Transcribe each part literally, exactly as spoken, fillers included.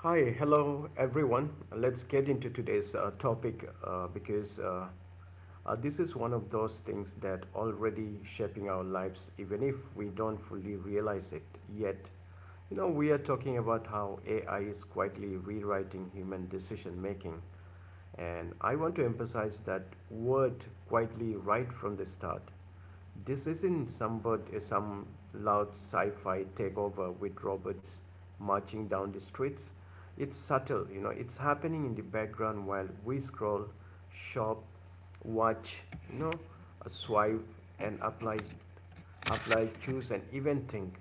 Hi, hello everyone. Let's get into today's uh, topic uh, because uh, uh, this is one of those things that already shaping our lives, even if we don't fully realize it yet. You know, we are talking about how A I is quietly rewriting human decision making, and I want to emphasize that word quietly right from the start. This isn't somebody, some loud sci fi takeover with robots marching down the streets. It's subtle, you know, it's happening in the background while we scroll, shop, watch, you know, swipe and apply, apply, choose and even think.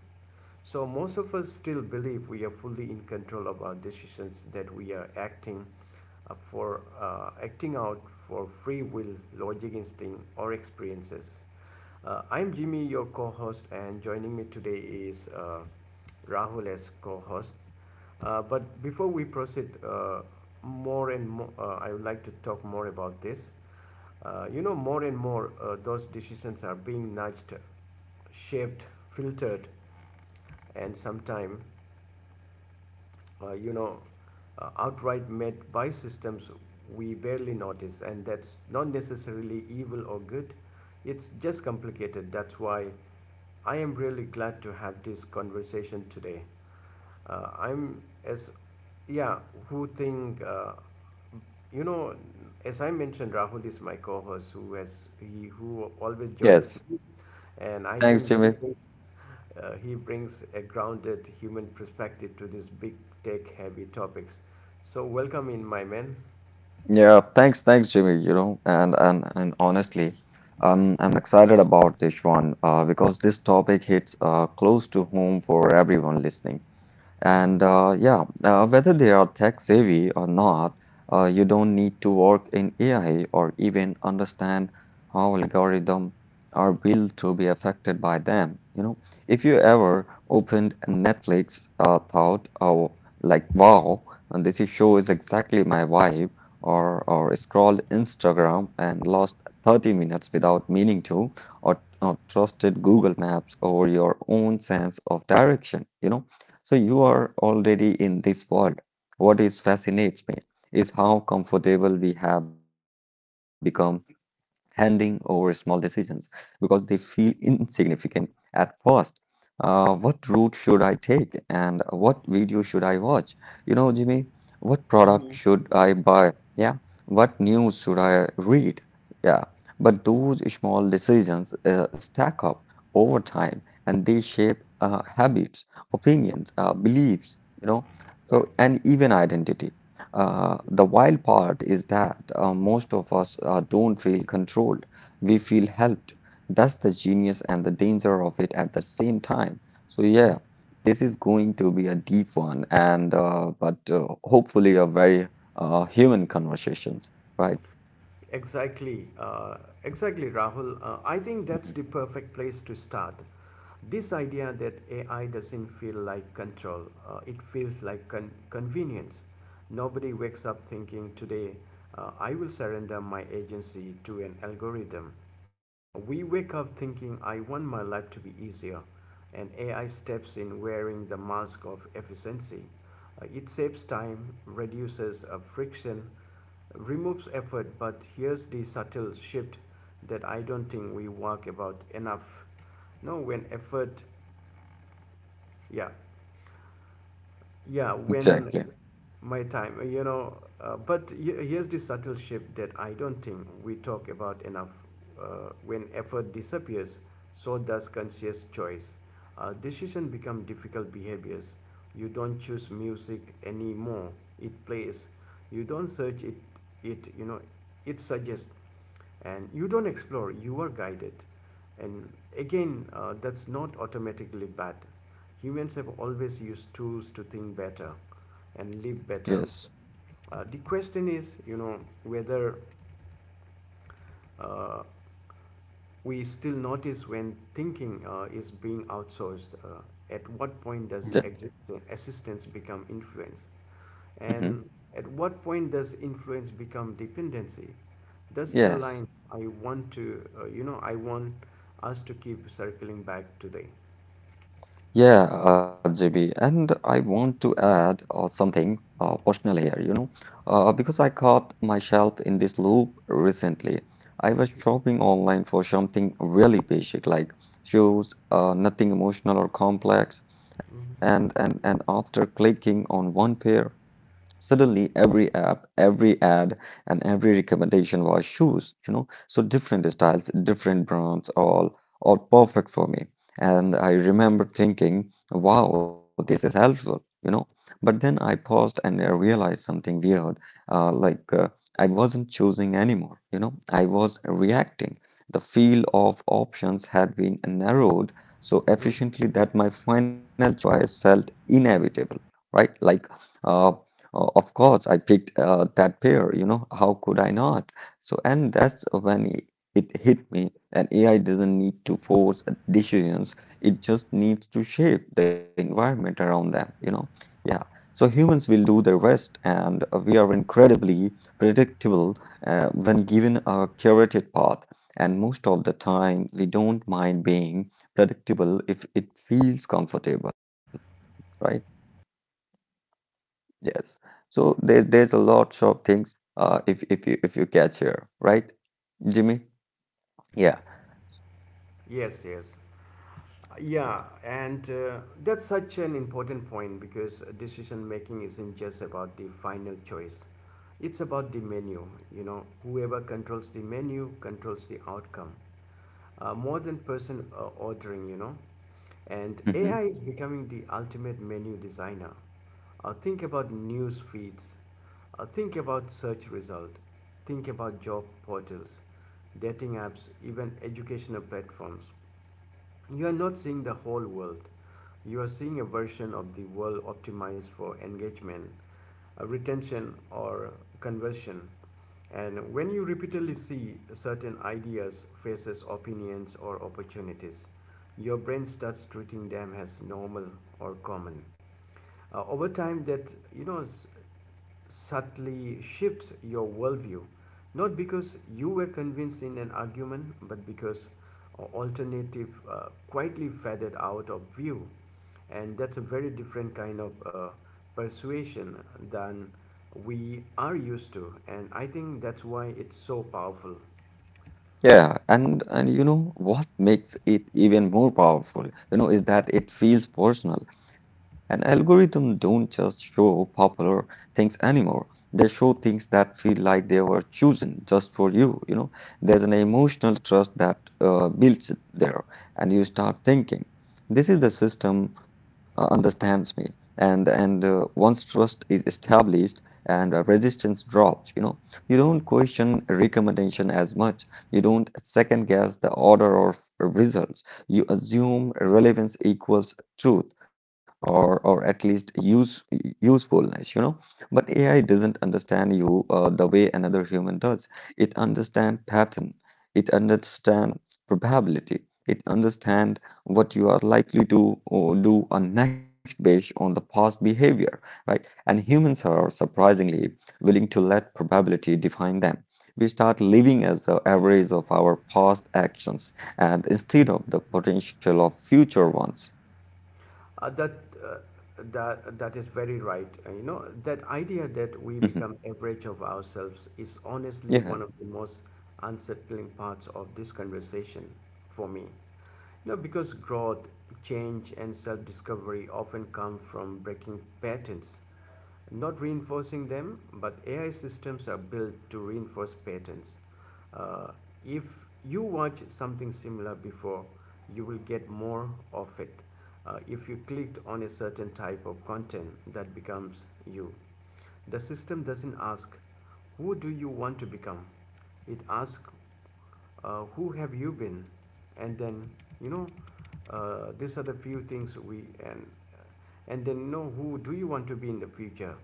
So most of us still believe we are fully in control of our decisions that we are acting uh, for uh, acting out for free will, logic instinct or experiences. Uh, I'm Jimmy, your co-host, and joining me today is uh, Rahul as co-host. Uh, But before we proceed uh, more and more, uh, I would like to talk more about this. Uh, you know, more and more, uh, those decisions are being nudged, shaped, filtered, and sometimes uh, you know, uh, outright met by systems we barely notice, and that's not necessarily evil or good. It's just complicated. That's why I am really glad to have this conversation today. Uh, I'm as yeah, who think uh, you know, as I mentioned, Rahul is my co-host who has he who always joins Yes, me, and I thanks, think he Jimmy. brings uh, he brings a grounded human perspective to these big tech heavy topics. So welcome in, my man. Yeah, thanks, thanks, Jimmy. You know, and and and honestly, um, I'm excited about this one, uh, because this topic hits uh close to home for everyone listening. And Hmm uh, yeah, uh, whether they are tech savvy or not, uh, you don't need to work in A I or even understand how algorithms are built to be affected by them. You know, if you ever opened Netflix, uh, thought, oh, like, wow, and this show is exactly my vibe, or or scrolled Instagram and lost thirty minutes without meaning to, or, or trusted Google Maps over your own sense of direction, you know. So you are already in this world. What is fascinates me is how comfortable we have become handing over small decisions because they feel insignificant at first. Uh, what route should I take and what video should I watch? You know, Jimmy, what product should I buy? Yeah, what news should I read? Yeah, but those small decisions uh, stack up over time and they shape uh, habits, opinions, uh, beliefs, you know, Right. so and even identity. Uh, the wild part is that uh, most of us uh, don't feel controlled. We feel helped. That's the genius and the danger of it at the same time. So, yeah, this is going to be a deep one and uh, but uh, hopefully a very uh, human conversations, right? Exactly, uh, exactly, Rahul. Uh, I think that's Mhm. the perfect place to start. This idea that A I doesn't feel like control, uh, it feels like con- convenience. Nobody wakes up thinking, today uh, I will surrender my agency to an algorithm. We wake up thinking, I want my life to be easier, and A I steps in wearing the mask of efficiency. Uh, it saves time, reduces uh, friction, removes effort, but here's the subtle shift that I don't think we work about enough. No, when effort, yeah, yeah, when Exactly. my time, uh, you know, uh, but he- Here's the subtle shift that I don't think we talk about enough. Uh, when effort disappears, so does conscious choice. Uh, decision become difficult behaviors. You don't choose music anymore; it plays. You don't search it. It you know, it suggests. And you don't explore, you are guided. And again, uh, that's not automatically bad. Humans have always used tools to think better and live better. Yes. Uh, the question is, you know, whether uh, we still notice when thinking uh, is being outsourced. Uh, at what Mhm. point does Exactly. exist- assistance become influence? Hmm. And at what point does influence become dependency? That's the line Yes. I want to, uh, you know, I want us to keep circling back today. Yeah, uh, J B, and I want to add uh, something uh, personal here, you know, uh, because I caught myself in this loop recently. I was Mhm. shopping online for something really basic, like shoes, uh, nothing emotional or complex, and and and after clicking on one pair, suddenly, every app, every ad, and every recommendation was shoes, you know. So different styles, different brands, all all perfect for me. And I remember thinking, wow, this is helpful, you know. But then I paused and I realized something weird. Uh, like uh, I wasn't choosing anymore, you know. I was reacting. The field of options had been narrowed so Mm. efficiently that my final choice felt inevitable, right? Like. Uh, O- Of course, I picked uh, that pair, you know, how could I not? So, and that's when it it hit me. And A I doesn't need to force decisions, it just needs to shape the environment around them, you know. Yeah. So, humans will do the rest, and uh, we are incredibly predictable uh, when given a curated path. And most of the time, we don't mind being predictable if it feels comfortable, right? Yes. So there, there's a lot of things uh, if if you if you catch here, right, Jimmy? Yeah. Yes, yes. Yeah, and uh, that's such an important point because decision making isn't just about the final choice. It's about the menu. You know, whoever controls the menu controls the outcome. Uh, more than person uh, ordering, you know. And Mm-hmm. A I is becoming the ultimate menu designer. Uh, think about news feeds, uh, think about search result, think about job portals, dating apps, even educational platforms. You are not seeing the whole world. You are seeing a version of the world optimized for engagement, uh, retention, or conversion. And when you repeatedly see certain ideas, faces, opinions, or opportunities, your brain starts treating them as normal or common. Uh, over time, that you know s- subtly shifts your worldview, not because you were convinced in an argument, but because a alternative uh, quietly faded out of view. And that's a very different kind of uh, persuasion than we are used to, and I think that's why it's so powerful. Yeah, and and you know what makes it even more powerful, you know, is that it feels personal. An algorithm don't just show popular things anymore. They show things that feel like they were chosen just for you, you know. There's an emotional trust that uh, builds there, and you start thinking, this is the system uh, understands me. And and uh, once trust is established and uh, resistance drops, you know, you don't question recommendation as much, you don't second guess the order of results. You assume relevance equals truth or or at least use usefulness, you know. But A I doesn't understand you uh, the way another human does. It understands pattern. It understands probability. It understands what you are likely to uh, do on next based on the past behavior, right? And humans are surprisingly willing to let probability define them. We start living as the average of our past actions and instead of the potential of future ones. Uh, that uh, that that is very right. Uh, you know, that idea that we Mhm. become average of ourselves is honestly Yeah. one of the most unsettling parts of this conversation for me. No, because growth, change, and self discovery often come from breaking patterns, not reinforcing them, but A I systems are built to reinforce patterns. Uh, if you watch something similar before, you will get more of it. Uh, if you clicked on a certain type of content, that becomes you. The system doesn't ask, who do you want to become? It asks, uh, who have you been? And then, you know, uh, these are the few things we and and then know who do you want to be in the future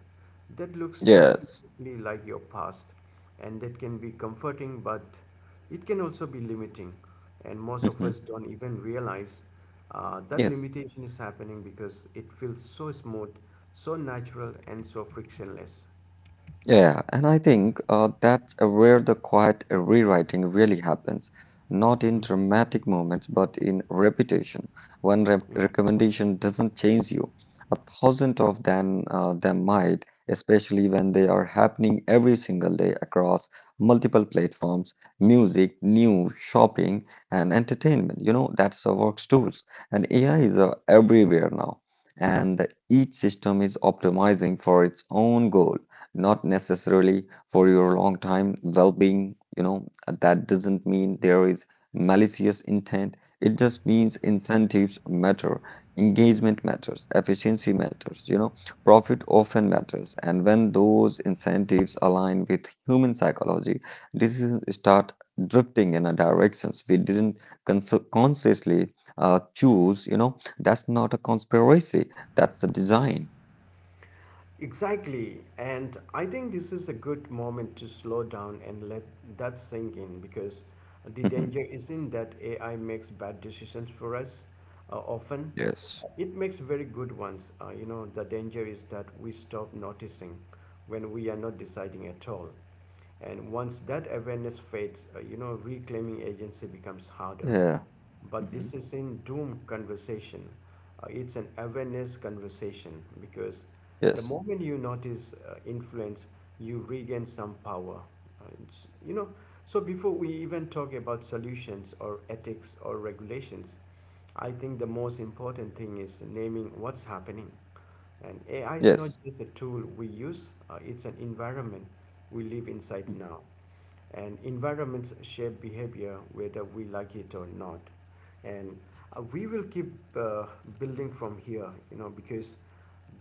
that looks Yes. suspiciously like your past. And that can be comforting, but it can also be limiting, and most of Mhm. us don't even realize uh, that Yes. limitation is happening because it feels so smooth, so natural and so frictionless. Yeah, and I think uh, that's uh, where the quiet rewriting really happens, not in Mhm. dramatic moments, but in repetition. One re recommendation doesn't change you. A thousand of them, uh, them might, especially when they are happening every single day across multiple platforms, music, news, shopping, and entertainment. You know, that's the work's tools. And A I is uh, everywhere now, and each system is optimizing for its own goal, not necessarily for your long time well-being, you know. That doesn't mean there is malicious intent, it just means incentives matter, engagement matters, efficiency matters, you know, profit often matters. And when those incentives align with human psychology, decisions start drifting in a directions we didn't cons- consciously uh, choose, you know. That's not a conspiracy, that's a design. Exactly. And I think this is a good moment to slow down and let that sink in, because the danger isn't that A I makes bad decisions for us uh, often. Yes. It makes very good ones. Uh, you know, the danger is that we stop noticing when we are not deciding at all. And once that awareness fades, uh, you know, reclaiming agency becomes harder. Yeah. But this is in doom conversation, uh, it's an awareness conversation, because the Yes, moment you notice uh, influence, you regain some power. Uh, it's, you know so before we even talk about solutions or ethics or regulations, I think the most important thing is naming what's happening. And AI is not yes. just a tool we use, uh, it's an environment we live inside now, and environments shape behavior whether we like it or not. And uh, we will keep uh, building from here, you know, because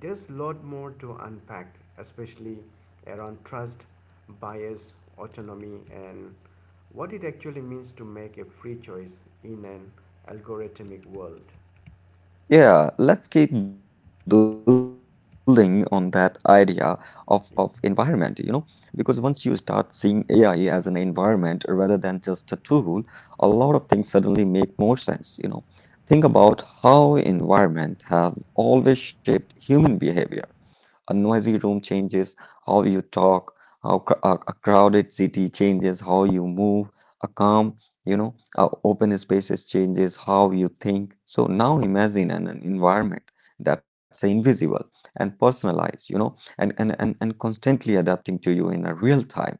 there's a lot more to unpack, especially around trust, bias, autonomy, and what it actually means to make a free choice in an algorithmic world. Yeah, let's keep building on that idea of, of environment, you know, because once you start seeing A I as an environment rather than just a tool, a lot of things suddenly make more sense, you know. Think about Mhm. how environment have always shaped human behavior. A noisy room changes how you talk. How cr- a, a crowded city changes how you move. A calm, you know, a open spaces changes how you think. So now imagine an, an environment that's invisible and personalized, you know, and, and, and, and constantly adapting to you in a real time.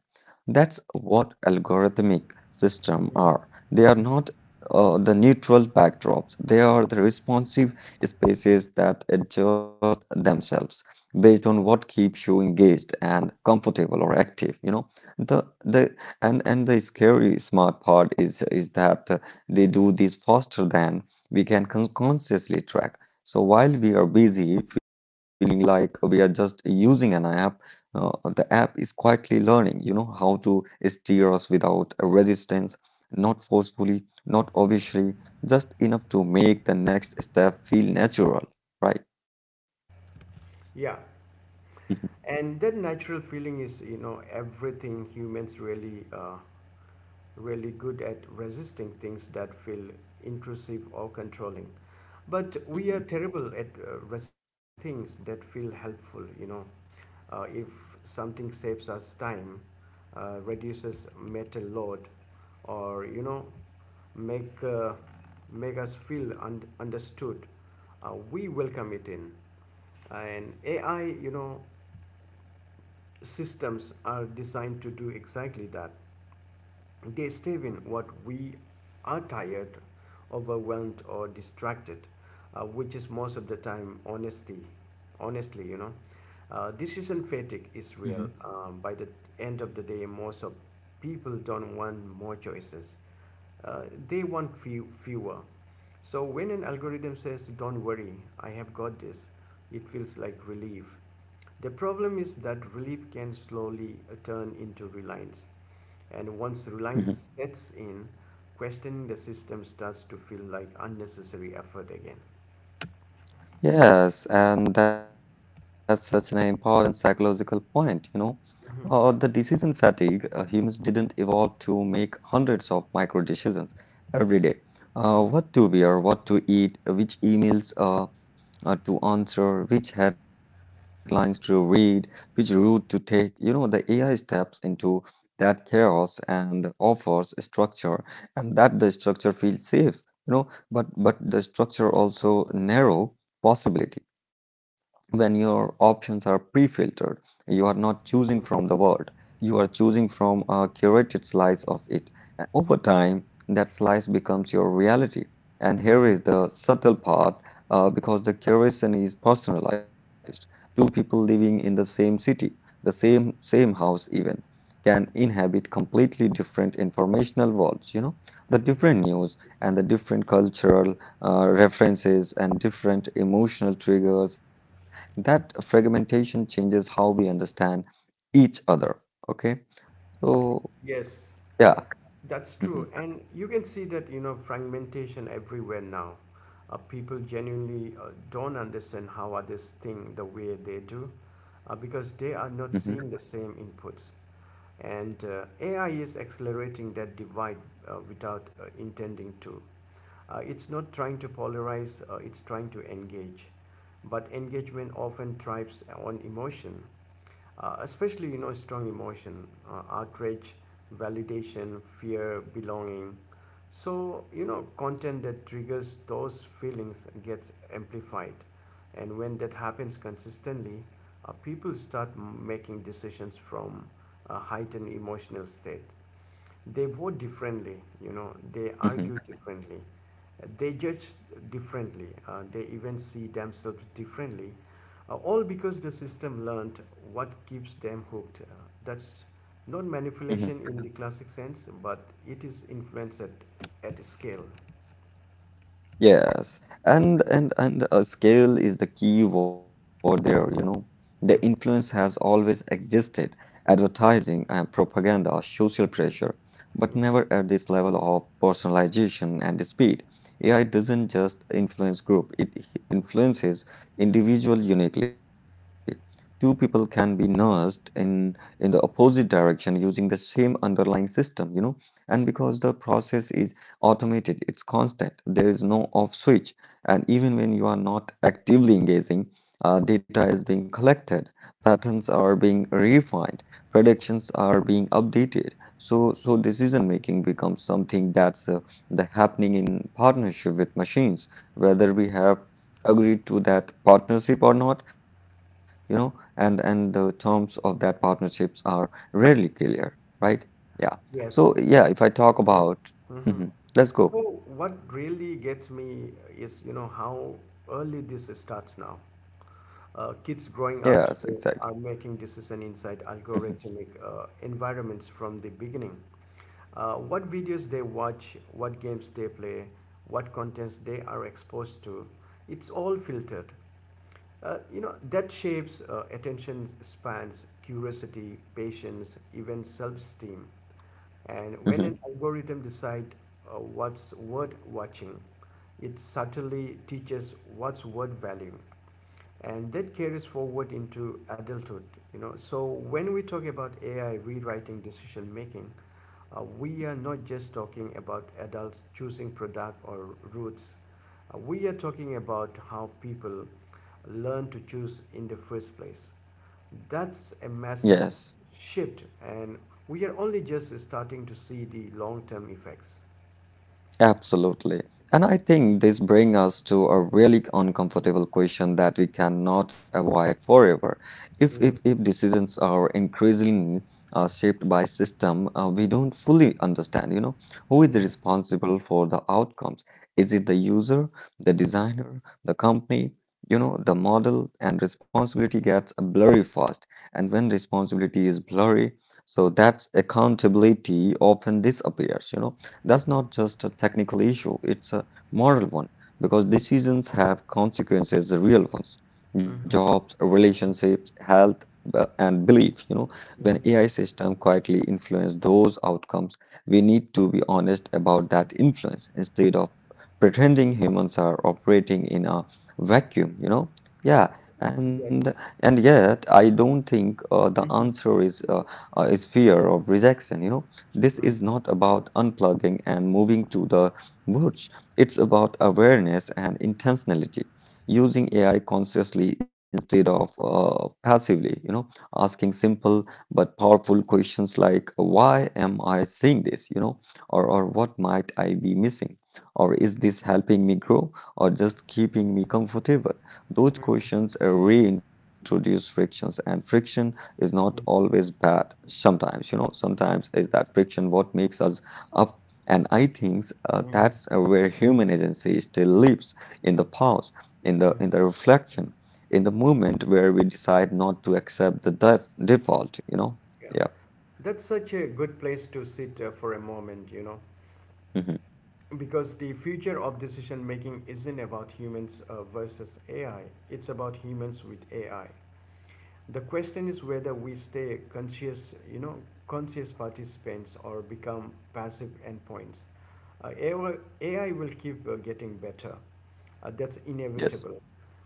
That's what algorithmic systems are. They are not uh, the neutral backdrops. They are the responsive spaces that adjust themselves based on what keeps you engaged and comfortable or active, you know. The the and and the scary smart part is is that uh, they do this faster than we can con- consciously track. So while we are busy feeling like we are just using an app, uh, the app is quietly learning, you know, how to steer us without resistance, not forcefully, not obviously, just enough to make the next step feel natural, right? Yeah, Mhm, and that natural feeling is, you know, everything. Humans really uh, really good at resisting things that feel intrusive or controlling. But we are mhm, terrible at uh, resisting things that feel helpful, you know. Uh, if something saves us time, uh, reduces mental load, or, you know, make, uh, make us feel un- understood, uh, we welcome it in. And A I, you know, systems are designed to do exactly that. They stay when what we are tired, overwhelmed, or distracted, uh, which is most of the time. Honesty, honestly, you know, uh, decision mhm. fatigue is real. Um, by the end of the day, most of people don't want more choices. Uh, they want few, fewer. So when an algorithm says, "Don't worry, I have got this," it feels like relief. The problem is that relief can slowly uh, turn into reliance. And once Mhm. reliance sets in, questioning the system starts to feel like unnecessary effort again. Yes, and that's such an important psychological point, you know. Uh, the Mhm. decision fatigue, uh, humans didn't evolve to make hundreds of micro decisions every day. Uh, what to wear, what to eat, which emails uh, uh, to answer, which headlines to read, which route to take. You know, the A I steps into that chaos and offers structure, and that the structure feels safe. You know, but but the structure also narrow possibility. When your options are pre-filtered, you are not choosing from the Mhm. world. You are choosing from a curated slice of it. And over time, that slice becomes your reality. And here Mhm. is the subtle part, uh, because the curation is personalized. Two people living in the same city, the same same house even, can inhabit completely different informational worlds, you know, the Mhm. different news and the different cultural uh, references, and different emotional triggers. That fragmentation changes how we understand each other. Okay, so Yes, yeah. that's Hmm. true. And you can see that, you know, fragmentation everywhere now. Uh, people genuinely uh, don't understand how others think the way they do uh, because they are Hmm. not seeing the same inputs. And uh, A I is accelerating that divide uh, without uh, intending to. Uh, it's not trying to polarize, uh, it's trying to engage. But engagement often thrives on emotion, uh, especially, you know, strong emotion, uh, outrage, validation, fear, belonging. So, you know, content that triggers those feelings gets amplified, and when that happens consistently, uh, people start m- making decisions from a heightened emotional state. They vote differently, you know, they Hmm. argue differently, they judge differently, uh, they even see themselves differently, uh, all because the system learned what keeps them hooked. Uh, that's not Hmm. manipulation in the classic sense, but it is influenced at, at scale. Yes, and and and uh, scale is the key word there, you know. The influence Mhm. has always existed, advertising and propaganda, social pressure, but Mhm. never at this level of personalization and speed. A I doesn't just influence group, it influences individual uniquely. Two people can be nursed in in the opposite direction using the same underlying system, you know, and because the process is automated, it's constant, there is no off switch. And even when you are not actively engaging, uh, data is being collected, patterns are being refined, predictions are being updated. So, so decision making becomes something that's uh, the happening in partnership with machines, whether we have agreed to that partnership or not, you know, and and the terms of that partnerships are rarely clear, right? Yeah. So yeah, Yes. if I talk about Mhm. Let's go. So what really gets me is, you know, how early this starts now. Uh, kids Yes, growing up exactly. today are making decision Hmm. inside algorithmic uh, environments from the beginning. Uh, what videos they watch, what games they play, what contents they are exposed to, it's all filtered. Uh, you know, that shapes uh, attention spans, curiosity, patience, even self-esteem. And when Hmm. an algorithm decide uh, what's worth watching. It subtly teaches what's worth value, and that carries forward into adulthood. You know, so when we talk about A I rewriting decision making, uh, we are not just talking about adults choosing product or routes. Uh, we are talking about how people learn to choose in the first place. That's a massive Yes. shift, and we are only just starting to see the long-term effects. Absolutely. And I think this brings us to a really uncomfortable question that we cannot avoid forever. If if Mm-hmm. if decisions are increasingly uh, shaped by system uh, we don't fully understand, you know, who is Mm-hmm. responsible for the outcomes? Is it the user, the designer, the company? You know, the model and responsibility gets blurry fast. And when responsibility is blurry, so that's accountability often disappears, you know. That's not just a technical issue, it's a moral one because decisions have consequences, the real ones. Jobs, relationships, health, b- and belief. You know, when A I system quietly influence those outcomes, we need to be honest about that influence instead of pretending humans are operating in a vacuum. You know, yeah, and Yet. and yet I don't think uh, the answer is uh, uh, is fear of rejection. You know, this Mm, is not about unplugging and moving to the woods. It's about awareness and intentionality. Using A I consciously instead of uh, passively, you know, asking simple but powerful questions like, why am I seeing this, you know, or, or what might I be missing? Or is this helping me grow or just keeping me comfortable? Those mm, questions uh, reintroduce frictions, and friction is not mm, always bad. Sometimes, you know, sometimes is that friction what makes us up. And I think uh, mhm, that's uh, where human agency still lives, in the pause, in the mhm. in the reflection, in the moment where we decide not to accept the def- default, you know? Yeah. Yeah. That's such a good place to sit uh, for a moment, you know, Hmm. because the future of decision making isn't about humans uh, versus A I, it's about humans with A I. The question is whether we stay conscious, you know, conscious participants or become passive endpoints. Uh, A I will keep uh, getting better. Uh, that's Yes. inevitable.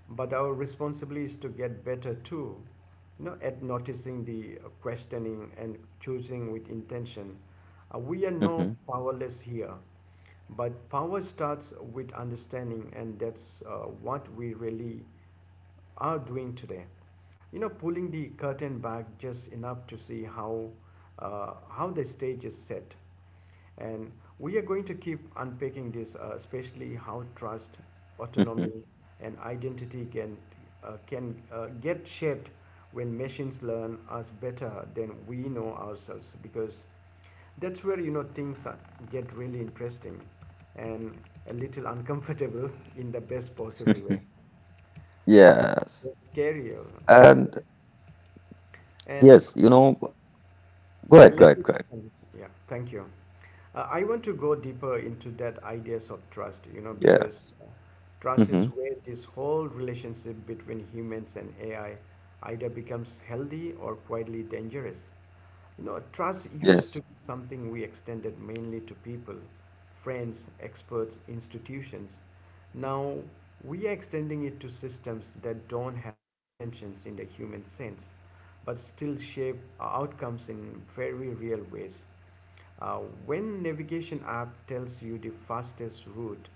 But our responsibility is to get better too, you know, at noticing the uh, questioning and choosing with intention. Uh, we are not Hmm. powerless here, but power starts with understanding, and that's uh, what we really are doing today. You know, pulling the curtain back just enough to see how uh, how the stage is set, and we are going to keep unpacking this, uh, especially how trust, Hmm. autonomy, and identity can, uh, can uh, get shaped when machines learn us better than we know ourselves. Because that's where you know things are, get really interesting and a little uncomfortable in the best possible way. Yes. It's scarier. And And yes, you know, go okay, ahead go let ahead me. go ahead Yeah, thank you. Uh, I want to go deeper into that ideas of trust, you know, because Yes. uh, trust is Hmm. where this whole relationship between humans and A I either becomes healthy or quietly dangerous. You know, trust used Yes. to be something we extended mainly to people, friends, experts, institutions. Now we are extending it to systems that don't have intentions in the human sense but still shape outcomes in very real ways. Uh, when navigation app tells you the fastest route,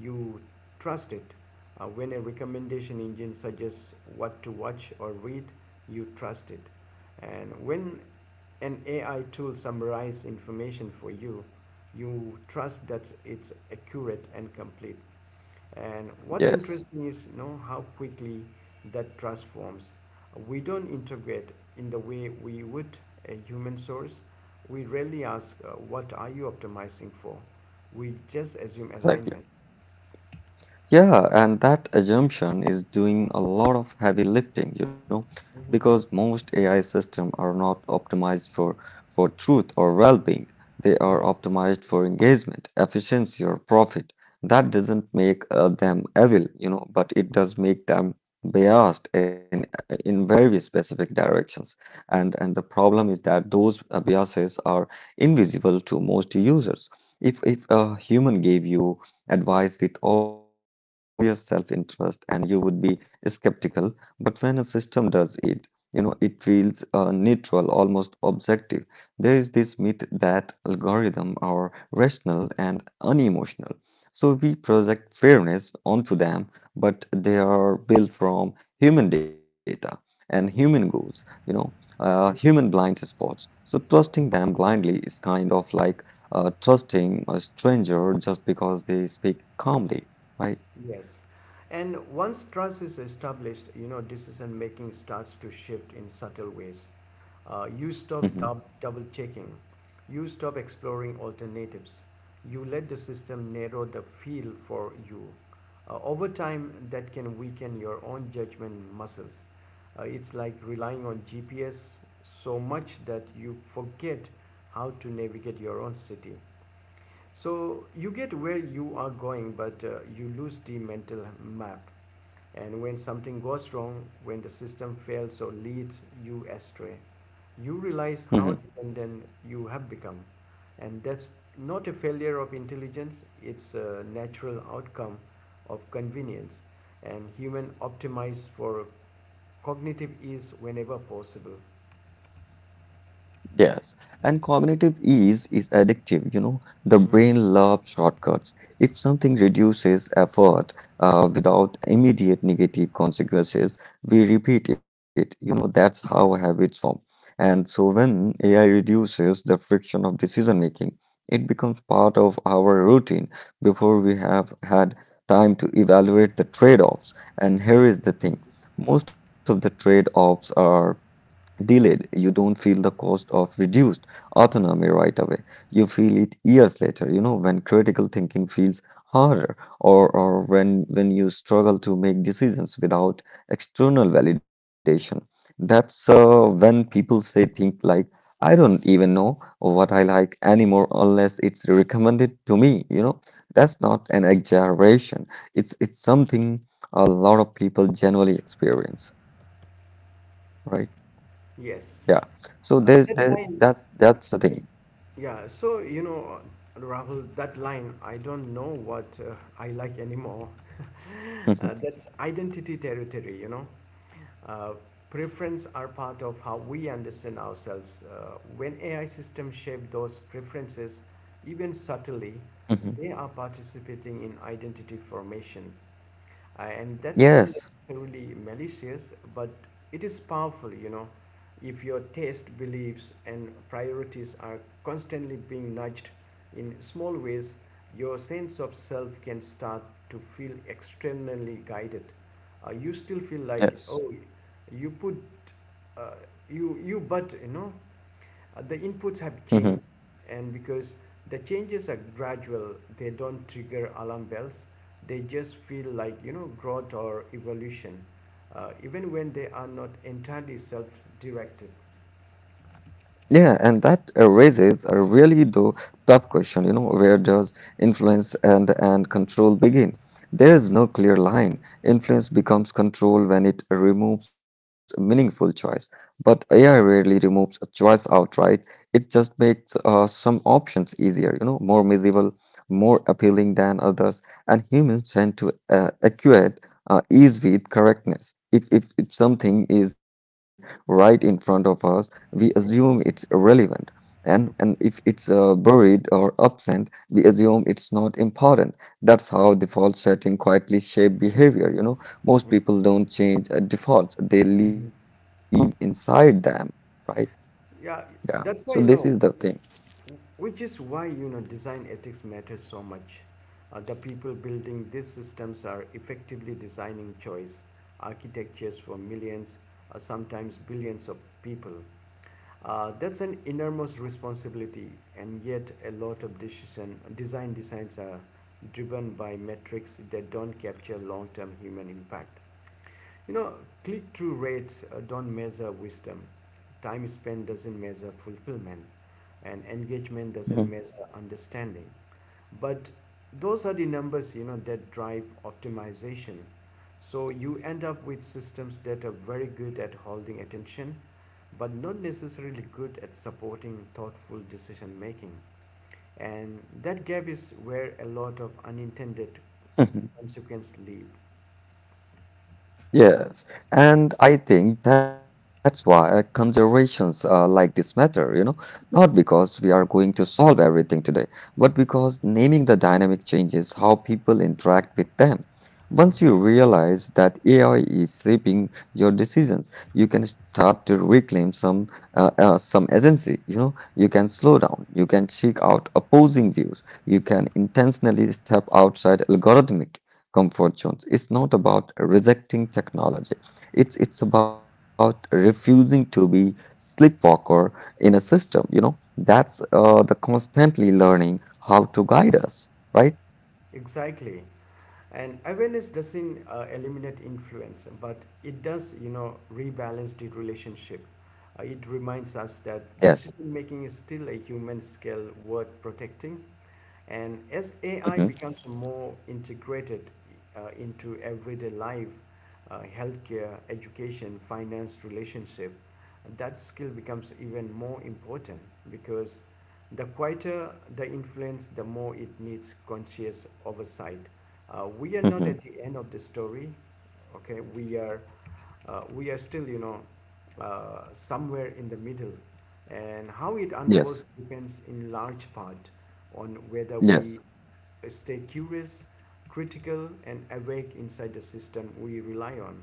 you trust it. Uh, when a recommendation engine suggests what to watch or read, you trust it. And when an A I tool summarizes information for you, you trust that it's accurate and complete. And what's Yes. interesting is you know how quickly that transforms. We don't integrate in the way we would a human source. We rarely ask, uh, "What are you optimizing for?" We just assume Exactly. alignment. Yeah, and that assumption is doing a lot of heavy lifting, you know, because Hmm most A I systems are not optimized for for truth or well-being. They are hmm optimized for engagement, efficiency, or profit. That doesn't make uh, them evil, you know, but it does make them biased in in very specific directions. And and the problem is that those uh, biases are invisible to most users. If if a human gave you advice with obvious self-interest, and you would be skeptical. But when a system does it, you know, it feels uh, neutral, almost objective. There is this myth that algorithm are rational and unemotional. So we project fairness onto them, but they are built from human data and human goals, you know, uh, human blind spots. So trusting them blindly is kind of like uh, trusting a stranger just because they speak calmly, right? Yes. And once trust is established, you know, decision making starts to shift in subtle ways. Uh, you Hmm. stop dub- double checking. You stop exploring alternatives. You let the system narrow the field for you. Uh, over time, that can weaken your own judgment muscles. Uh, it's like relying on G P S so much that you forget how to navigate your own city. So you get where you are going, but uh, you lose the mental map. And when something goes wrong, when the system fails or leads you astray, you realize Hmm. how dependent you have become. And that's not a failure of intelligence, it's a natural outcome of convenience. And human optimize for cognitive ease whenever possible. Yes, and cognitive ease is addictive. You know, the Mhm. brain loves shortcuts. If something reduces effort uh, without immediate negative consequences, we repeat it. You know, that's how habits form. And so when A I reduces the friction of decision making, it becomes part of our routine before we have had time to evaluate the trade-offs. And here is the thing, most of the trade-offs are delayed. You don't feel the cost of reduced autonomy right away. You feel it years later, you know, when critical thinking feels harder, or, or when when you struggle to make decisions without external validation. That's uh, when people say think like, I don't even know what I like anymore unless it's recommended to me, you know. That's not an exaggeration. It's it's something a lot of people generally experience, right? Yeah. Yes. So there's there Uh, that that line that's the thing. Yeah, so you know, Rahul, that line, I don't know what uh, I like anymore. Mhm. Uh, that's identity territory, you know. Uh, Preference are part of how we understand ourselves. Uh, when A I systems shape those preferences, even subtly, Mhm. they are participating in identity formation. Uh, and that's not Yes. necessarily malicious, but it is powerful, you know, if your taste, beliefs, and priorities are constantly being nudged in small ways, your sense of self can start to feel externally guided. Uh, you still feel like, Yes. oh, you put, uh, you you but you know, uh, the inputs have changed, and because the changes are gradual, they don't trigger alarm bells. They just feel like you know growth or evolution, uh, even when they are not entirely self-directed. Yeah, and that uh, raises a really though tough question, you know, where does influence and and control begin? There is Mm, no clear line. Influence becomes control when it removes meaningful choice, but A I rarely removes a choice outright. It just makes uh, some options easier, you know, more visible, more appealing than others, and humans tend to uh, equate uh, ease with correctness. If, if if something is right in front of us, we assume it's irrelevant. And, and if it's uh, buried or absent, we assume it's not important. That's how default setting quietly shape behavior. You know, most mm, people don't change uh, defaults; they live mhm. inside them, right? Yeah. Yeah, So this is that's the why thing. no, which is why you know design ethics matters so much. Uh, the people building these systems are effectively designing choice architectures for millions, uh, sometimes billions of people. Uh, that's an enormous responsibility, and yet a lot of decision design designs are driven by metrics that don't capture long-term human impact. You know, click-through rates uh, don't measure wisdom, time spent doesn't measure fulfillment, and engagement doesn't Mhm. measure understanding. But those are the numbers, you know, that drive optimization. So you end up with systems that are very good at holding attention, but not necessarily good at supporting thoughtful decision making. And that gap is where a lot of unintended consequences live. Yes, and I think that's why conservations uh, like this matter, you know, not because we Mm, are going to solve everything today, but because naming the dynamic changes how people interact with them. mm. Once you realize that A I is shaping your decisions, you can start to reclaim some uh, uh, some agency. You know, you can slow down, you can seek out opposing views, you can intentionally step outside algorithmic comfort zones. It's not about rejecting technology. It's it's about refusing to be sleepwalker in a system. You know, that's uh, the constantly learning how to guide us, right? Exactly. And awareness doesn't uh, eliminate influence, but it does, you know, rebalance the relationship. Uh, it reminds us that Yes. decision making is still a human skill worth protecting. And as A I Hmm. becomes more integrated uh, into everyday life, uh, healthcare, education, finance, relationship, that skill becomes even more important because the quieter the influence, the more it needs conscious oversight. Uh, we are not at the Hmm. end of the story. Okay we are uh, we are still you know uh, somewhere in the middle, and how it unfolds Yes. depends in large part on whether we Yes. stay curious, critical and awake inside the system we rely on.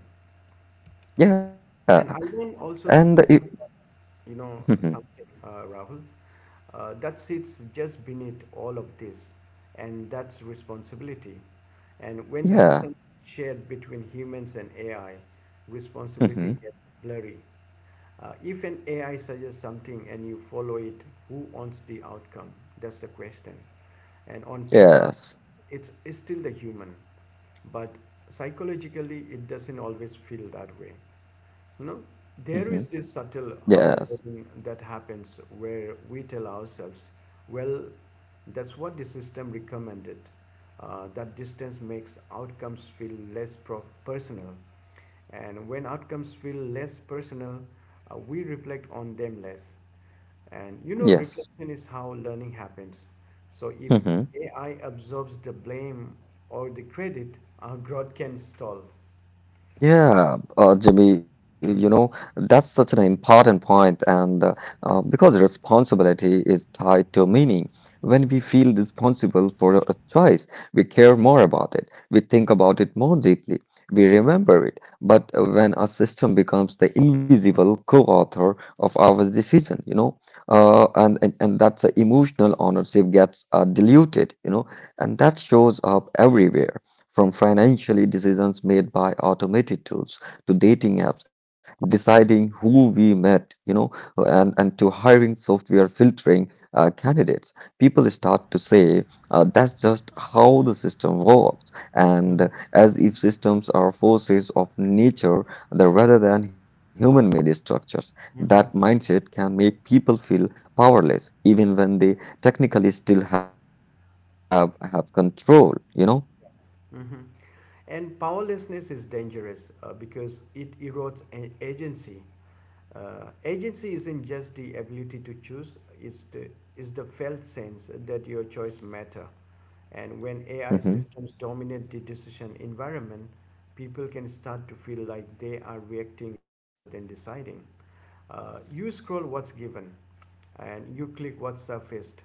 And Yeah. I want also to, And it, you know, mhm. something, uh, Rahul, uh, that sits just beneath all of this, and that's responsibility. And when decisions Yeah. shared between humans and A I, responsibility gets Hmm. blurry. Uh, if an A I suggests something and you follow it, who owns the outcome? That's the question. And on paper, Yes. it's, it's still the human, but psychologically, it doesn't always feel that way. You know, Hmm. there is this subtle Yes. offloading that happens where we tell ourselves, well, that's what the system recommended. Uh, that distance makes outcomes feel less pro- personal. And when outcomes feel less personal, uh, we reflect on them less. And you know, Yes. reflection is how learning happens. So if Hmm. A I absorbs the blame or the credit, our growth can stall. Yeah, uh, Jimmy, you Mhm. know, that's such an important point, and uh, uh, because responsibility is tied to meaning. When we feel responsible for a choice, we care more about it, we think about it more deeply, we remember it. But uh, when a system becomes the invisible co-author of our decision, you know, uh, and, and, and that's uh, emotional ownership gets uh, diluted, you know, and that shows up everywhere, from financial decisions made by automated tools to dating apps, deciding who we met, you know, and, and to hiring software filtering uh, candidates, people start to say uh, that's just how the system works, mhm, and as if systems are forces of nature that rather than human-made structures. mhm. That mindset can make people feel powerless, even when they technically still have have control, you know. hmm And powerlessness is dangerous uh, because it erodes a- agency. Uh, agency isn't just the ability to choose; it's the is the felt sense that your choice matter. And when A I systems Hmm. dominate the decision environment, people can start to feel like they are reacting rather than deciding. Uh, you scroll what's given, and you click what's surfaced.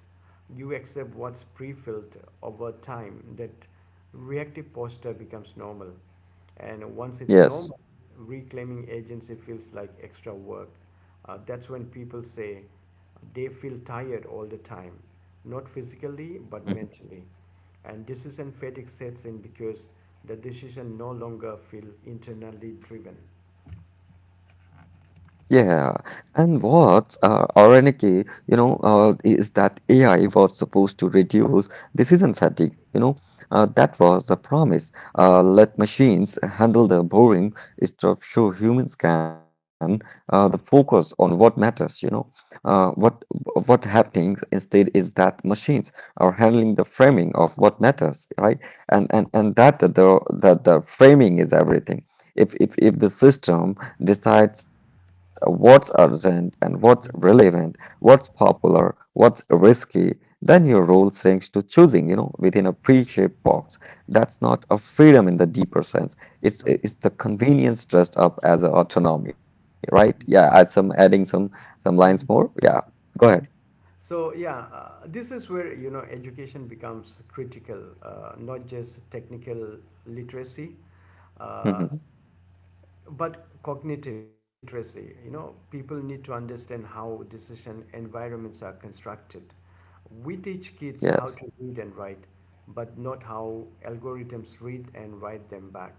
You accept what's pre-filled over time. That reactive posture becomes normal. And once it's normal, Yes. reclaiming agency feels like extra work. Uh, that's when people say they feel tired all the time, not physically, but mentally. And decision fatigue sets in because the decision no longer feel internally driven. Yeah, and what's uh, ironic, you know, uh, is that A I was supposed to reduce decision fatigue. You know, uh, that was the promise. Uh, let machines handle the boring stuff so humans can uh, the focus on what matters. You know, uh, what what happening instead is that machines are handling the framing of what matters, right? And and and that the the, the framing is everything. If if if the system decides what's urgent and what's relevant, Mhm. what's popular, what's risky, then your role shrinks to choosing, you know, within a pre-shaped box. That's not a freedom in the deeper sense. It's it's the convenience dressed up as a autonomy, right? Yeah, I some adding some some lines more. Mhm. Yeah, go ahead. So yeah, uh, this is where you know education becomes critical, uh, not just technical literacy, uh, Hmm. but cognitive literacy. You know, people need to understand how decision environments are constructed. We teach kids Yes. how to read and write but not how algorithms read and write them back.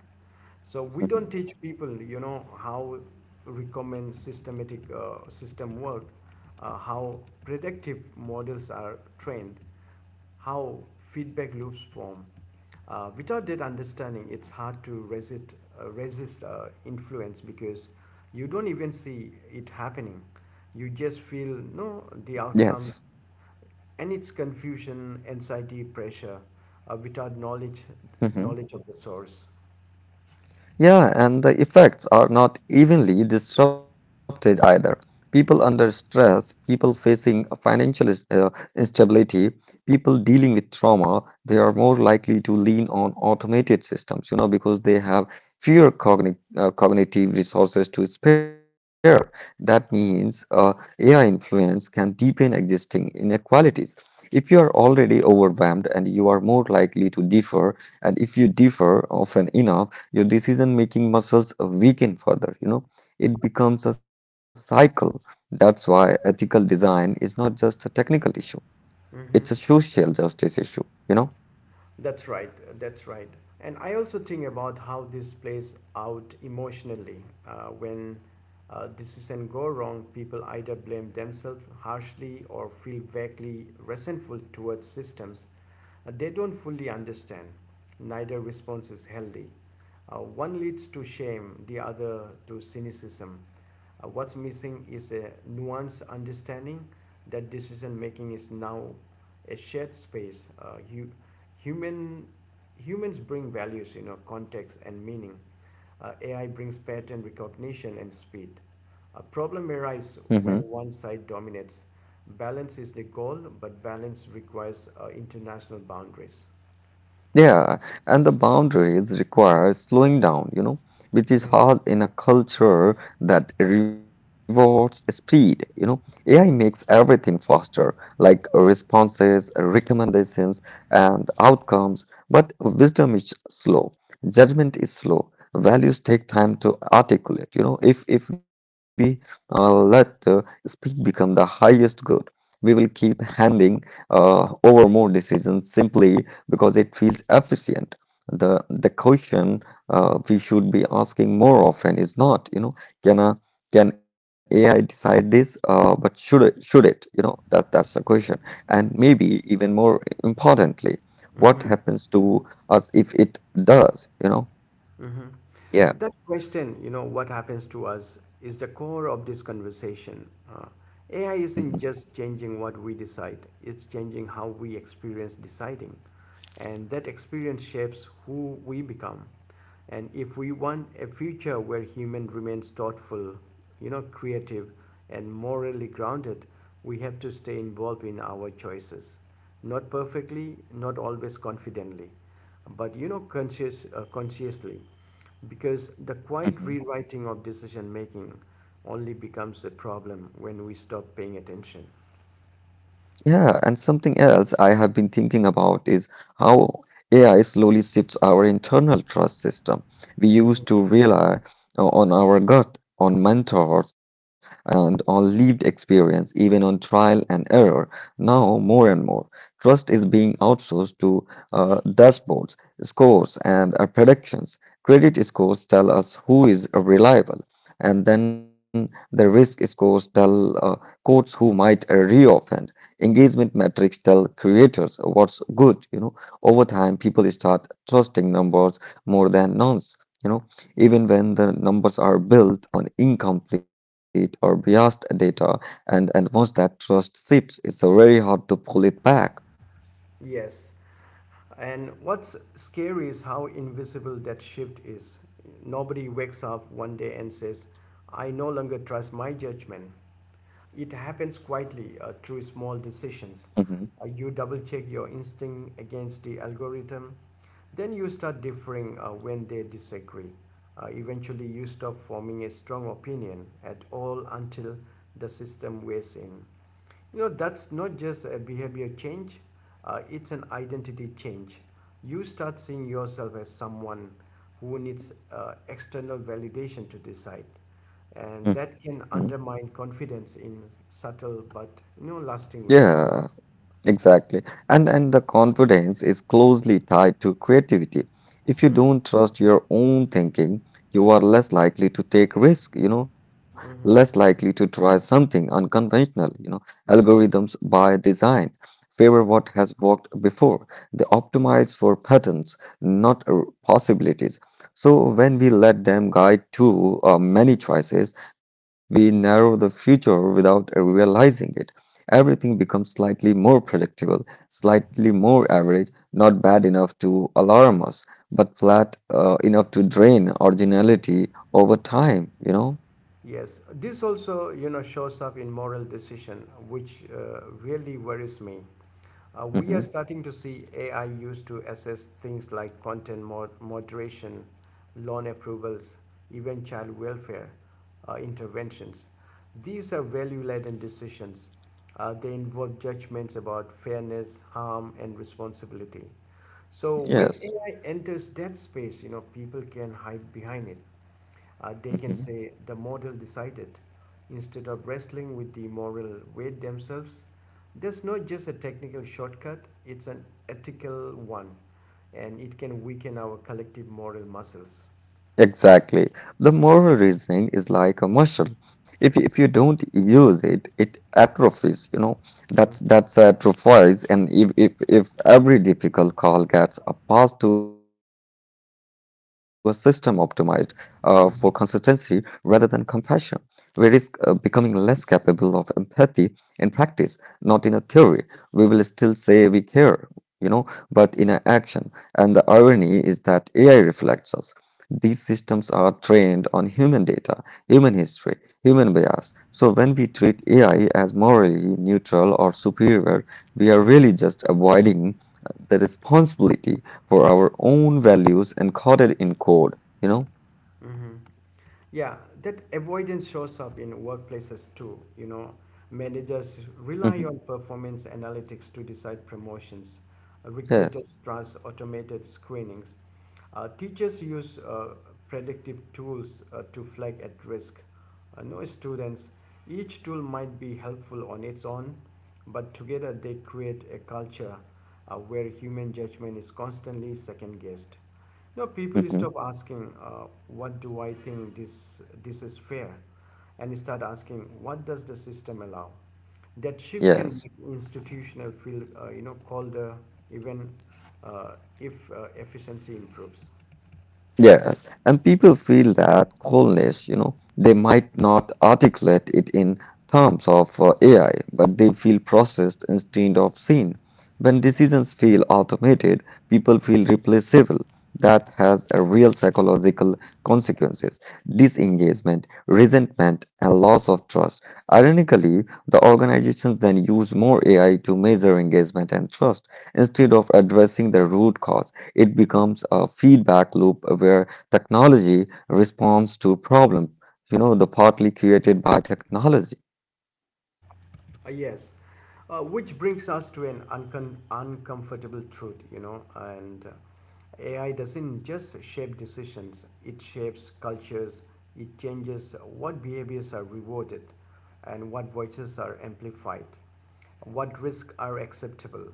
So we don't Hmm. teach people you know how recommend systematic uh, system work, uh, how predictive models are trained, how feedback loops form. Uh, without that understanding, it's hard to resist, uh, resist uh, influence because you don't even see it happening. You just feel Yes. no the outcomes, and it's confusion, anxiety, pressure, uh, without knowledge, Mm-hmm. knowledge of the source. Yeah, and the effects are not evenly disrupted either. People under stress, people facing financial uh, instability, people dealing with trauma, they are more likely to lean on automated systems, you know, because they have fewer cogni uh, cognitive resources to spare. That means uh, A I influence can deepen existing inequalities. If you are already overwhelmed, and you are more likely to differ, and if you differ often enough, your decision-making muscles weaken further, you know. It becomes a cycle. That's why ethical design is not just a technical issue, Hmm it's a social justice issue, you know. That's right. That's right. And I also think about how this plays out emotionally. Uh, when uh, decisions go wrong, people either blame themselves harshly or feel vaguely resentful towards systems uh, they don't fully understand. Neither response is healthy. Uh, one leads to shame, the other to cynicism. Uh, what's missing is a nuanced understanding that decision making is now a shared space. Uh, hu- human humans bring values, you know, context and meaning. Uh, A I brings pattern recognition and speed. A problem arises when Mhm. one side dominates. Balance is the goal, but balance requires uh, international boundaries. Yeah, and the boundaries require slowing down, you know, which is hard in a culture that rewards speed, you know. A I makes everything faster, like responses, recommendations, and outcomes, but wisdom is slow, judgment is slow, values take time to articulate, you know. If if we uh, let uh, speed become the highest good, we will keep handing uh, over more decisions simply because it feels efficient. The the question uh, we should be asking more often is not, you know, can a can A I decide this? Uh, but should it, should it? You know, that that's the question. And maybe even more importantly, what Mhm. happens to us if it does? You know, Mhm. yeah. That question, you know, what happens to us is the core of this conversation. Uh, A I Mhm. isn't just changing what we decide, it's changing how we experience deciding. And that experience shapes who we become. And if we want a future where human remains thoughtful, you know, creative and morally grounded, we have to stay involved in our choices. Not perfectly, not always confidently, but you know, conscious, uh, consciously. Because the quiet rewriting of decision making only becomes a problem when we stop paying attention. Yeah, and something else I have been thinking about is how A I slowly shifts our internal trust system. We used to rely o- on our gut, on mentors, and on lived experience, even on trial and error. Now, more and more, trust is being outsourced to uh, dashboards, scores, and uh, predictions. Credit scores tell us who is reliable, and then the risk scores tell uh, courts who might uh, reoffend. Engagement metrics tell creators what's good, you know. Over time, people start trusting numbers more than nonce, you know, even when the numbers are built on incomplete or biased data, and, and once that trust seeps, it's uh, very hard to pull it back. Yes. And what's scary is how invisible that shift is. Nobody wakes up one day and says, I no longer trust my judgment. It happens quietly uh, through small decisions. Hmm. Uh, you double check your instinct against the algorithm, then you start differing uh, when they disagree. Uh, eventually, you stop forming a strong opinion at all until the system weighs in. You know, that's not just a behavior change, uh, it's an identity change. You start seeing yourself as someone who needs uh, external validation to decide. And that Hmm. can undermine confidence in subtle but you know, lasting ways. Yeah, exactly. And and the confidence is closely tied to creativity. If you Mhm. don't trust your own thinking, you are less likely to take risk, you know, less mhm. likely to try something unconventional, you know. Algorithms by design favor what has worked before. They optimize for patterns, not uh, possibilities. So when we let them guide too uh, many choices, we narrow the future without uh, realizing it. Everything becomes slightly more predictable, slightly more average, not bad enough to alarm us, but flat uh, enough to drain originality over time, you know? Yes, this also you know shows up in moral decision, which uh, really worries me. Uh, we Hmm. are starting to see A I used to assess things like content mod- moderation, loan approvals, even child welfare uh, interventions. These are value laden decisions. Uh, they involve judgments about fairness, harm, and responsibility. So when Yes. A I enters that space, you know, people can hide behind it. Uh, they can Mm-hmm. say the model decided instead of wrestling with the moral weight themselves. That's not just a technical shortcut, it's an ethical one, and it can weaken our collective moral muscles. Exactly. The moral reasoning is like a muscle. If if you don't use it, it atrophies, you know. That's Mm, that's atrophies. And if if, if every difficult call gets a pass to a system optimized uh, for consistency rather than mhm, compassion, we risk uh, becoming less capable of empathy in practice, not in a theory. We will still say we care, you know, but in a action. And the irony is that A I reflects us. These systems are trained on human data, human history, human bias. So when we treat A I as morally neutral or superior, we are mm, really just avoiding uh, the responsibility for our own values encoded in code, you know? mhm. Yeah, that avoidance shows up in workplaces too. You know, managers rely Mhm. on performance analytics to decide promotions, Yes. recruiters trust automated screenings. Uh, teachers use uh, predictive tools uh, to flag at risk. Uh, no students, each tool might be helpful on its own, but together they create a culture uh, where human judgment is constantly second guessed. No, People Mhm. stop asking, uh, what do I think this, this is fair? And start asking, what does the system allow? That shift can Yes. make institutional feel uh, you know colder even uh, if uh, efficiency improves. Yes, and people feel that coldness, you know, they might not articulate it in terms of uh, A I, but they feel processed instead of seen. When Mhm. decisions feel automated, people feel replaceable. That has a real psychological consequences: disengagement, resentment, and loss of trust. Ironically, the organizations then use more A I to measure engagement and trust instead of addressing the root cause. It becomes a feedback loop where technology responds to problem, you know, the partly created by technology. Uh, yes uh, which brings us to an uncon- uncomfortable truth, you know. And uh, AI doesn't just shape decisions, it shapes cultures. It changes what behaviors are rewarded, and what voices are amplified, what risks are acceptable.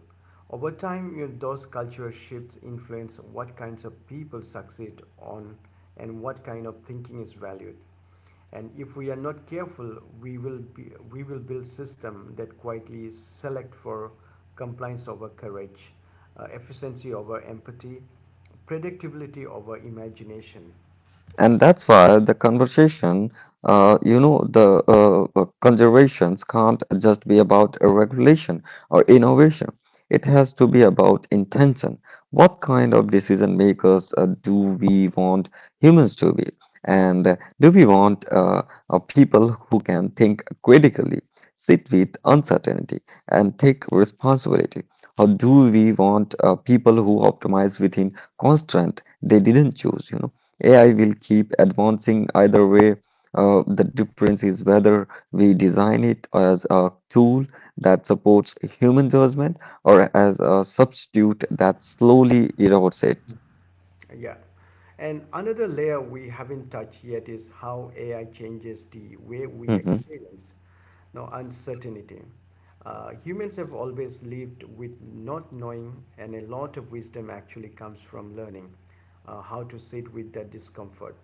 Over time, you know, those cultural shifts influence what kinds of people succeed on, and what kind of thinking is valued. And if we are not careful, we will, be, we will build system that quietly select for compliance over courage, uh, efficiency over empathy, predictability over imagination. And that's why the conversation, uh, you know, the uh, uh, conservations can't just be about a regulation or innovation. It has to be about intention. What kind of decision makers uh, do we want humans to be? And uh, do we want uh, uh, people who can think critically, sit with uncertainty, and take responsibility? Or do we want uh, people who optimize within constraint they didn't choose, you know? A I will keep advancing either way. Uh, the difference is whether we design it as a tool that supports human judgment or as a substitute that slowly erodes it. Yeah. And another layer we haven't touched yet is how A I changes the way we Mhm. experience no, uncertainty. Uh, humans have always lived with not knowing, and a lot of wisdom actually comes from learning uh, how to sit with that discomfort.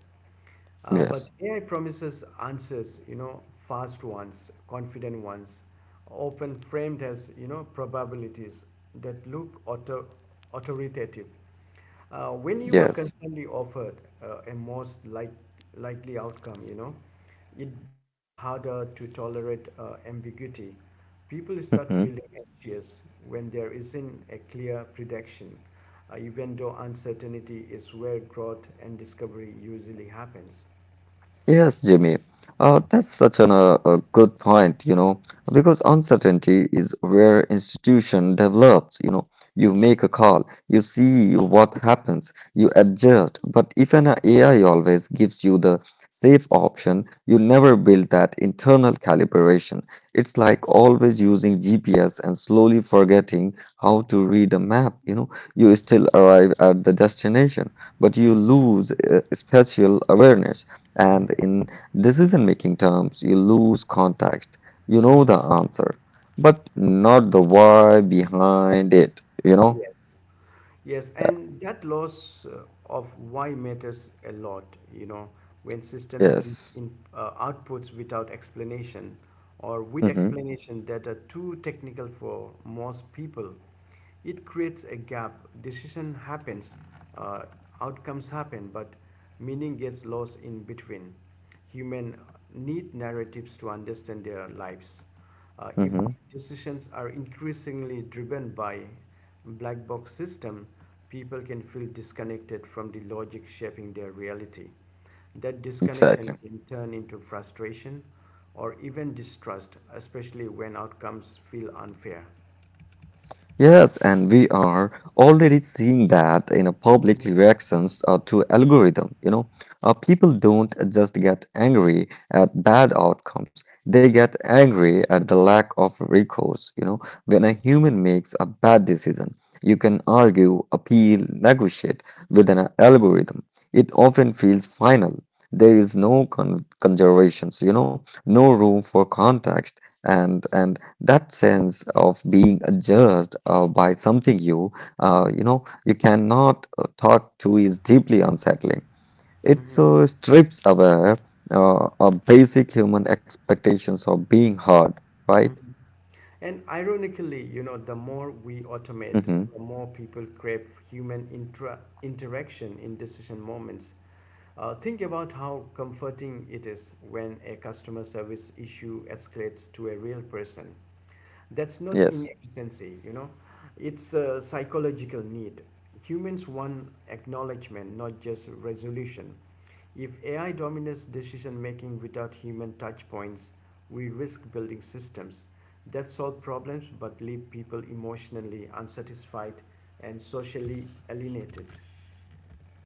Uh, but Yes, A I promises answers, you know, fast ones, confident ones, often framed as, you know, probabilities that look auto- authoritative. Uh, when you are yes. constantly offered uh, a most like, likely outcome, you know, it becomes harder to tolerate uh, ambiguity. People start feeling anxious when there isn't a clear prediction, uh, even though uncertainty is where growth and discovery usually happens. Yes, Jimmy. Uh, that's such an, uh, a good point, you know, because uncertainty is where institution develops, you know. You make a call, you see what happens, you adjust. But if an A I always gives you the safe option, you never build that internal calibration. It's like always using G P S and slowly forgetting how to read a map, you know. You still arrive at the destination, but you lose uh, spatial awareness. And in decision making terms, you lose context. You know the answer, but not the why behind it, you know? Yes. Yes, Yeah. and that loss uh, of why matters a lot, you know, when systems give Yes. in uh, outputs without explanation or with Mm-hmm. explanation that are too technical for most people, it creates a gap. Decision happens, uh, outcomes happen, but meaning gets lost in between. Human need narratives to understand their lives. Uh, if Mm-hmm. decisions are increasingly driven by black box system, people can feel disconnected from the logic shaping their reality. That disconnection Exactly. can turn into frustration or even distrust, especially when outcomes feel unfair. Yes, and we are already seeing that in a public reactions uh, to algorithm. You know, uh, people don't just get angry at bad outcomes; they get angry at the lack of recourse. You know, when a human makes a bad decision, you can argue, appeal, negotiate with an algorithm. It often feels final. There is no con conservations. You know, no room for context and and that sense of being judged uh, by something you uh, you know you cannot uh, talk to is deeply unsettling. It Mhm, so strips away uh, our basic human expectations of being heard, right? mhm. And ironically, you know, the more we automate, Hmm. the more people crave human intra- interaction in decision moments. Uh, think about how comforting it is when a customer service issue escalates to a real person. That's not Yes. inefficiency, you know, it's a psychological need. Humans want acknowledgement, not just resolution. If A I dominates decision making without human touch points, we risk building systems that solve problems but leave people emotionally unsatisfied and socially alienated.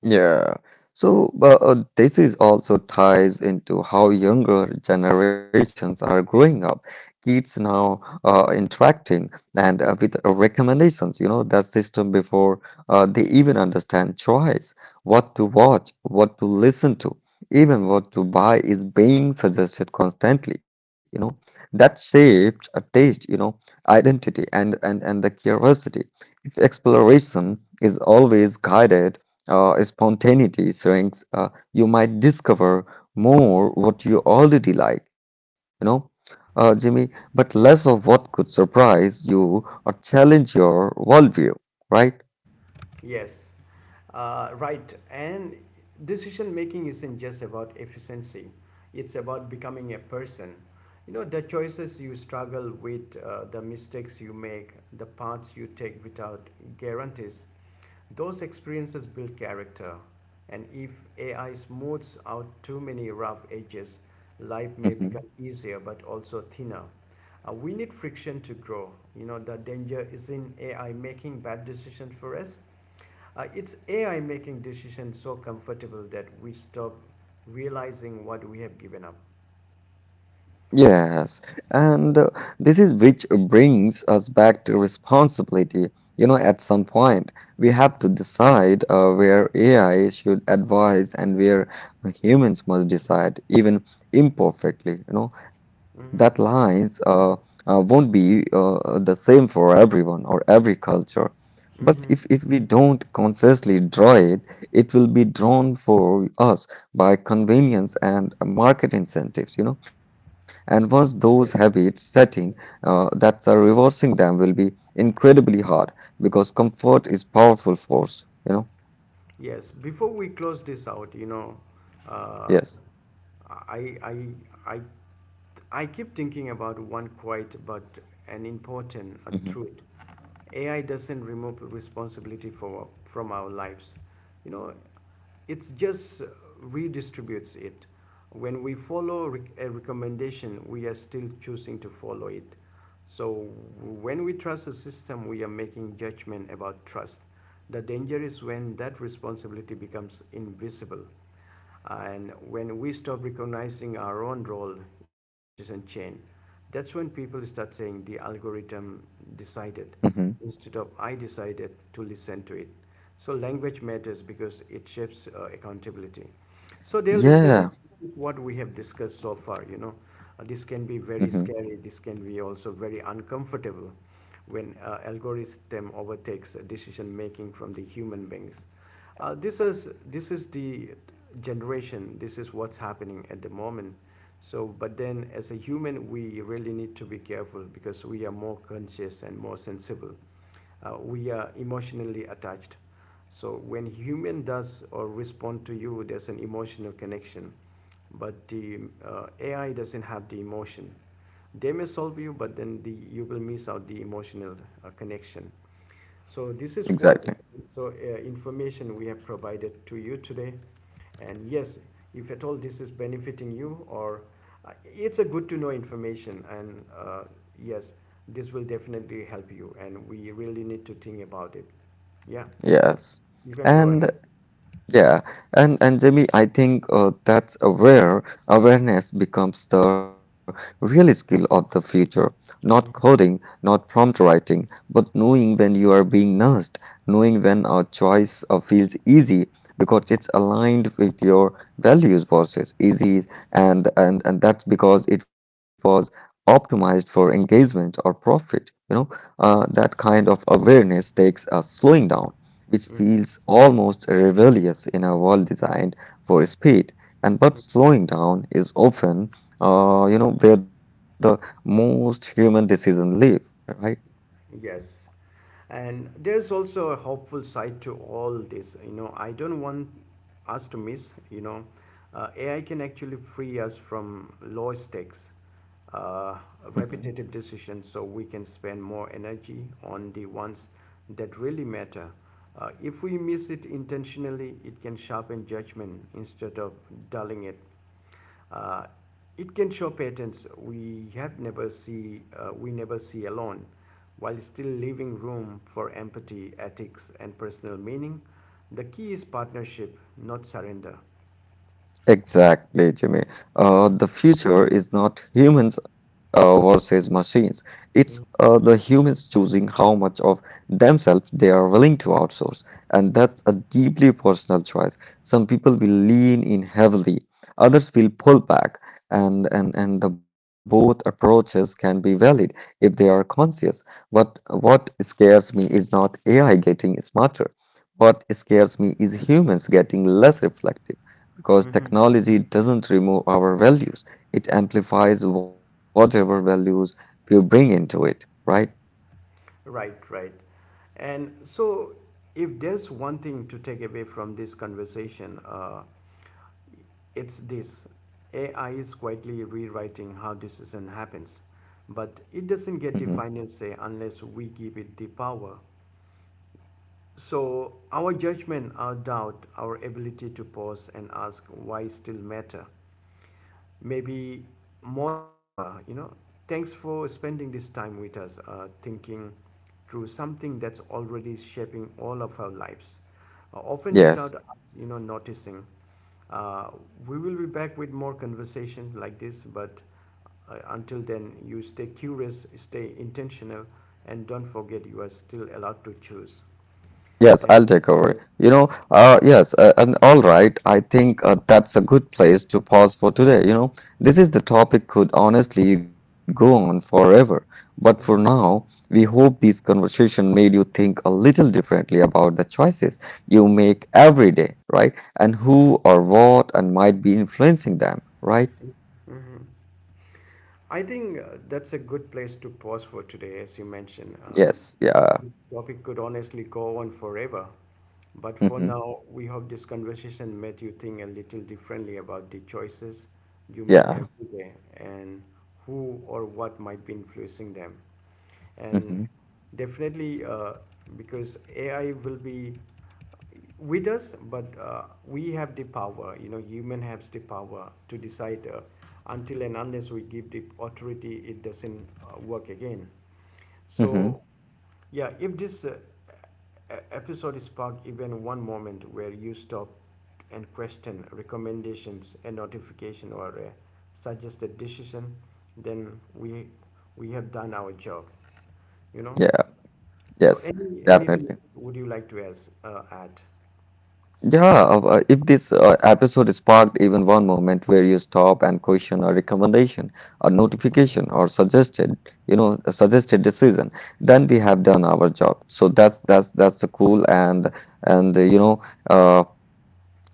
Yeah. So uh, uh, this is also ties into how younger generations are growing up. Kids now uh, interacting and uh, with uh, recommendations, you know, that system before uh, they even understand choice, what to watch, what to listen to, even what to buy is being suggested constantly, you know, that shapes a taste, you know, identity and and and the curiosity. If exploration is always guided, uh, spontaneity shrinks. Uh, you might discover more what you already like, you know, uh, Jimmy, but less of what could surprise you or challenge your worldview, right? Yes, uh, right. And decision making isn't just about efficiency, it's about becoming a person. You know, the choices you struggle with, uh, the mistakes you make, the paths you take without guarantees, those experiences build character. And if A I smooths out too many rough edges, life may become Mm-hmm. easier but also thinner. Uh, we need friction to grow. You know, the danger is in A I making bad decisions for us, uh, it's A I making decisions so comfortable that we stop realizing what we have given up. Yes, and uh, this is which brings us back to responsibility. You know, at some point, we have to decide uh, where A I should advise and where humans must decide, even imperfectly. You know, that Mm-hmm. lines uh, uh, won't be uh, the same for everyone or every culture. But Mm-hmm. if, if we don't consciously draw it, it will be drawn for us by convenience and market incentives, you know. And once those habits Yes. set in, uh, that's uh, reversing them will be incredibly hard because comfort is powerful force, you know? Yes. Before we close this out, you know, uh, Yes. I, I, I, I keep thinking about one quiet but an important uh, Hmm. truth. A I doesn't remove responsibility for, from our lives. You know, it just redistributes it. When we follow a recommendation, we are still choosing to follow it. So when we trust a system, we are making judgment about trust. The danger is when that responsibility becomes invisible. And when we stop recognizing our own role in the decision chain, that's when people start saying the algorithm decided, Hmm. instead of I decided to listen to it. So language matters because it shapes uh, accountability. So dear listeners, Yeah. what we have discussed so far, you know, Uh, this can Hmm. be very scary. This can be also very uncomfortable when uh, algorithm overtakes decision making from the human beings. Uh, this is this is the generation, this is what's happening at the moment. So, but then as a human, we really need to be careful because we are more conscious and more sensible. Uh, we are emotionally attached. So when human does or respond to you, there's an emotional connection. But the uh, A I doesn't have the emotion. They may solve you, but then the, you will miss out the emotional uh, connection. So this is Exactly. what. So uh, information we have provided to you today, and yes, if at all this is benefiting you or uh, it's a good to know information, and uh, yes, this will definitely help you, and we really need to think about it. Yeah, Yes. you can go ahead. And yeah, and and Jamie, I think uh, that's uh, where awareness becomes the real skill of the future. Not coding, Mhm. not prompt writing, but knowing when you are being nursed, knowing when a choice uh, feels easy because it's aligned with your values versus easy, and and and that's because it was optimized for engagement or profit. You know, uh, that kind of awareness takes a slowing down which Mhm. feels almost rebellious in a world designed for speed. And but slowing down is often, uh, you know, where the most human decisions live, right? Yes. And there's also a hopeful side to all this, you know. I don't want us to miss, you know, uh, AI can actually free us from low stakes uh, Mm-hmm. repetitive decisions, so we can spend more energy on the ones that really matter. Uh, if we miss it intentionally, it can sharpen judgment instead of dulling it. Uh, it can show patterns we have never see uh, we never see alone, while still leaving room for empathy, ethics, and personal meaning. The key is partnership, not surrender. Exactly, Jimmy. Uh, the future is not humans uh, versus machines. It's uh, the humans choosing how much of themselves they are willing to outsource. And that's a deeply personal choice. Some people will lean in heavily, others will pull back. And, and, and the both approaches can be valid if they are conscious. What, what scares me is not A I getting smarter. What scares me is humans getting less reflective because Mhm. technology doesn't remove our values, it amplifies whatever values we bring into it, right? Right, right. And so, if there's one thing to take away from this conversation, uh, it's this: A I is quietly rewriting how decision happens, but it doesn't Hmm. get the final say unless we give it the power. So, our judgment, our doubt, our ability to pause and ask why still matter. Maybe more than ever, you know. Thanks for spending this time with us, uh, thinking through something that's already shaping all of our lives, uh, often without Yes. us, you know, noticing. Uh, we will be back with more conversation like this, but uh, until then, you stay curious, stay intentional, and don't forget you are still allowed to choose. Yes, I'll And take over. You know, uh, yes, uh, and all right. I think uh, that's a good place to pause for today. You know, this is the topic could honestly go on forever, but for now, we hope this conversation made you think a little differently about the choices you make every day, right? And who or what and might be influencing them, right? I think uh, that's a good place to pause for today, as you mentioned. Uh, Yes, yeah. This topic could honestly go on forever. But for Hmm. now, we hope this conversation made you think a little differently about the choices you make Yeah. every day, and who or what might be influencing them. Hmm. And definitely, uh, because AI will be with us, but uh, we have the power, you know, human has the power to decide. Uh, until and unless we give the authority, it doesn't uh, work again. Hmm. So yeah, if this uh, e- episode sparked even one moment where you stop and question recommendations, a notification, or a suggested decision, then we we have done our job. You know. Yeah. So Yes, any anything definitely. would you like to ask, uh, add? Yeah, uh, uh, if this uh, episode sparked even one moment where you stop and question a recommendation, a Mhm. notification, or suggested, you know, a suggested decision, then we have done our job. So that's that's that's the cool and and uh, you know uh,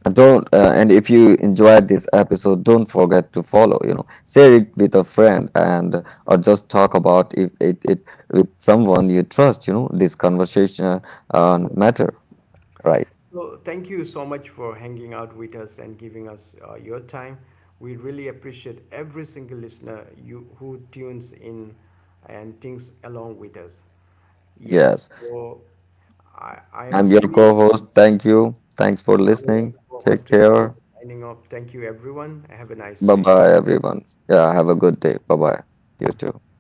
And don't uh, and if you enjoyed this episode, don't forget to follow, you know, share it with a friend and or just talk about if it, it with someone you trust, you know, this conversation uh, matter, right? So thank you so much for hanging out with us and giving us uh, your time. We really appreciate every single listener, you who tunes in and thinks along with us. Yes, Yes. so I, I am I'm your Jimmy, co-host. Thank you. Thanks for Rahul as listening. Take co-host today, care. signing off. Thank you, everyone. Have a nice day. Bye-bye, everyone. Yeah, have a good day. Bye-bye. You too.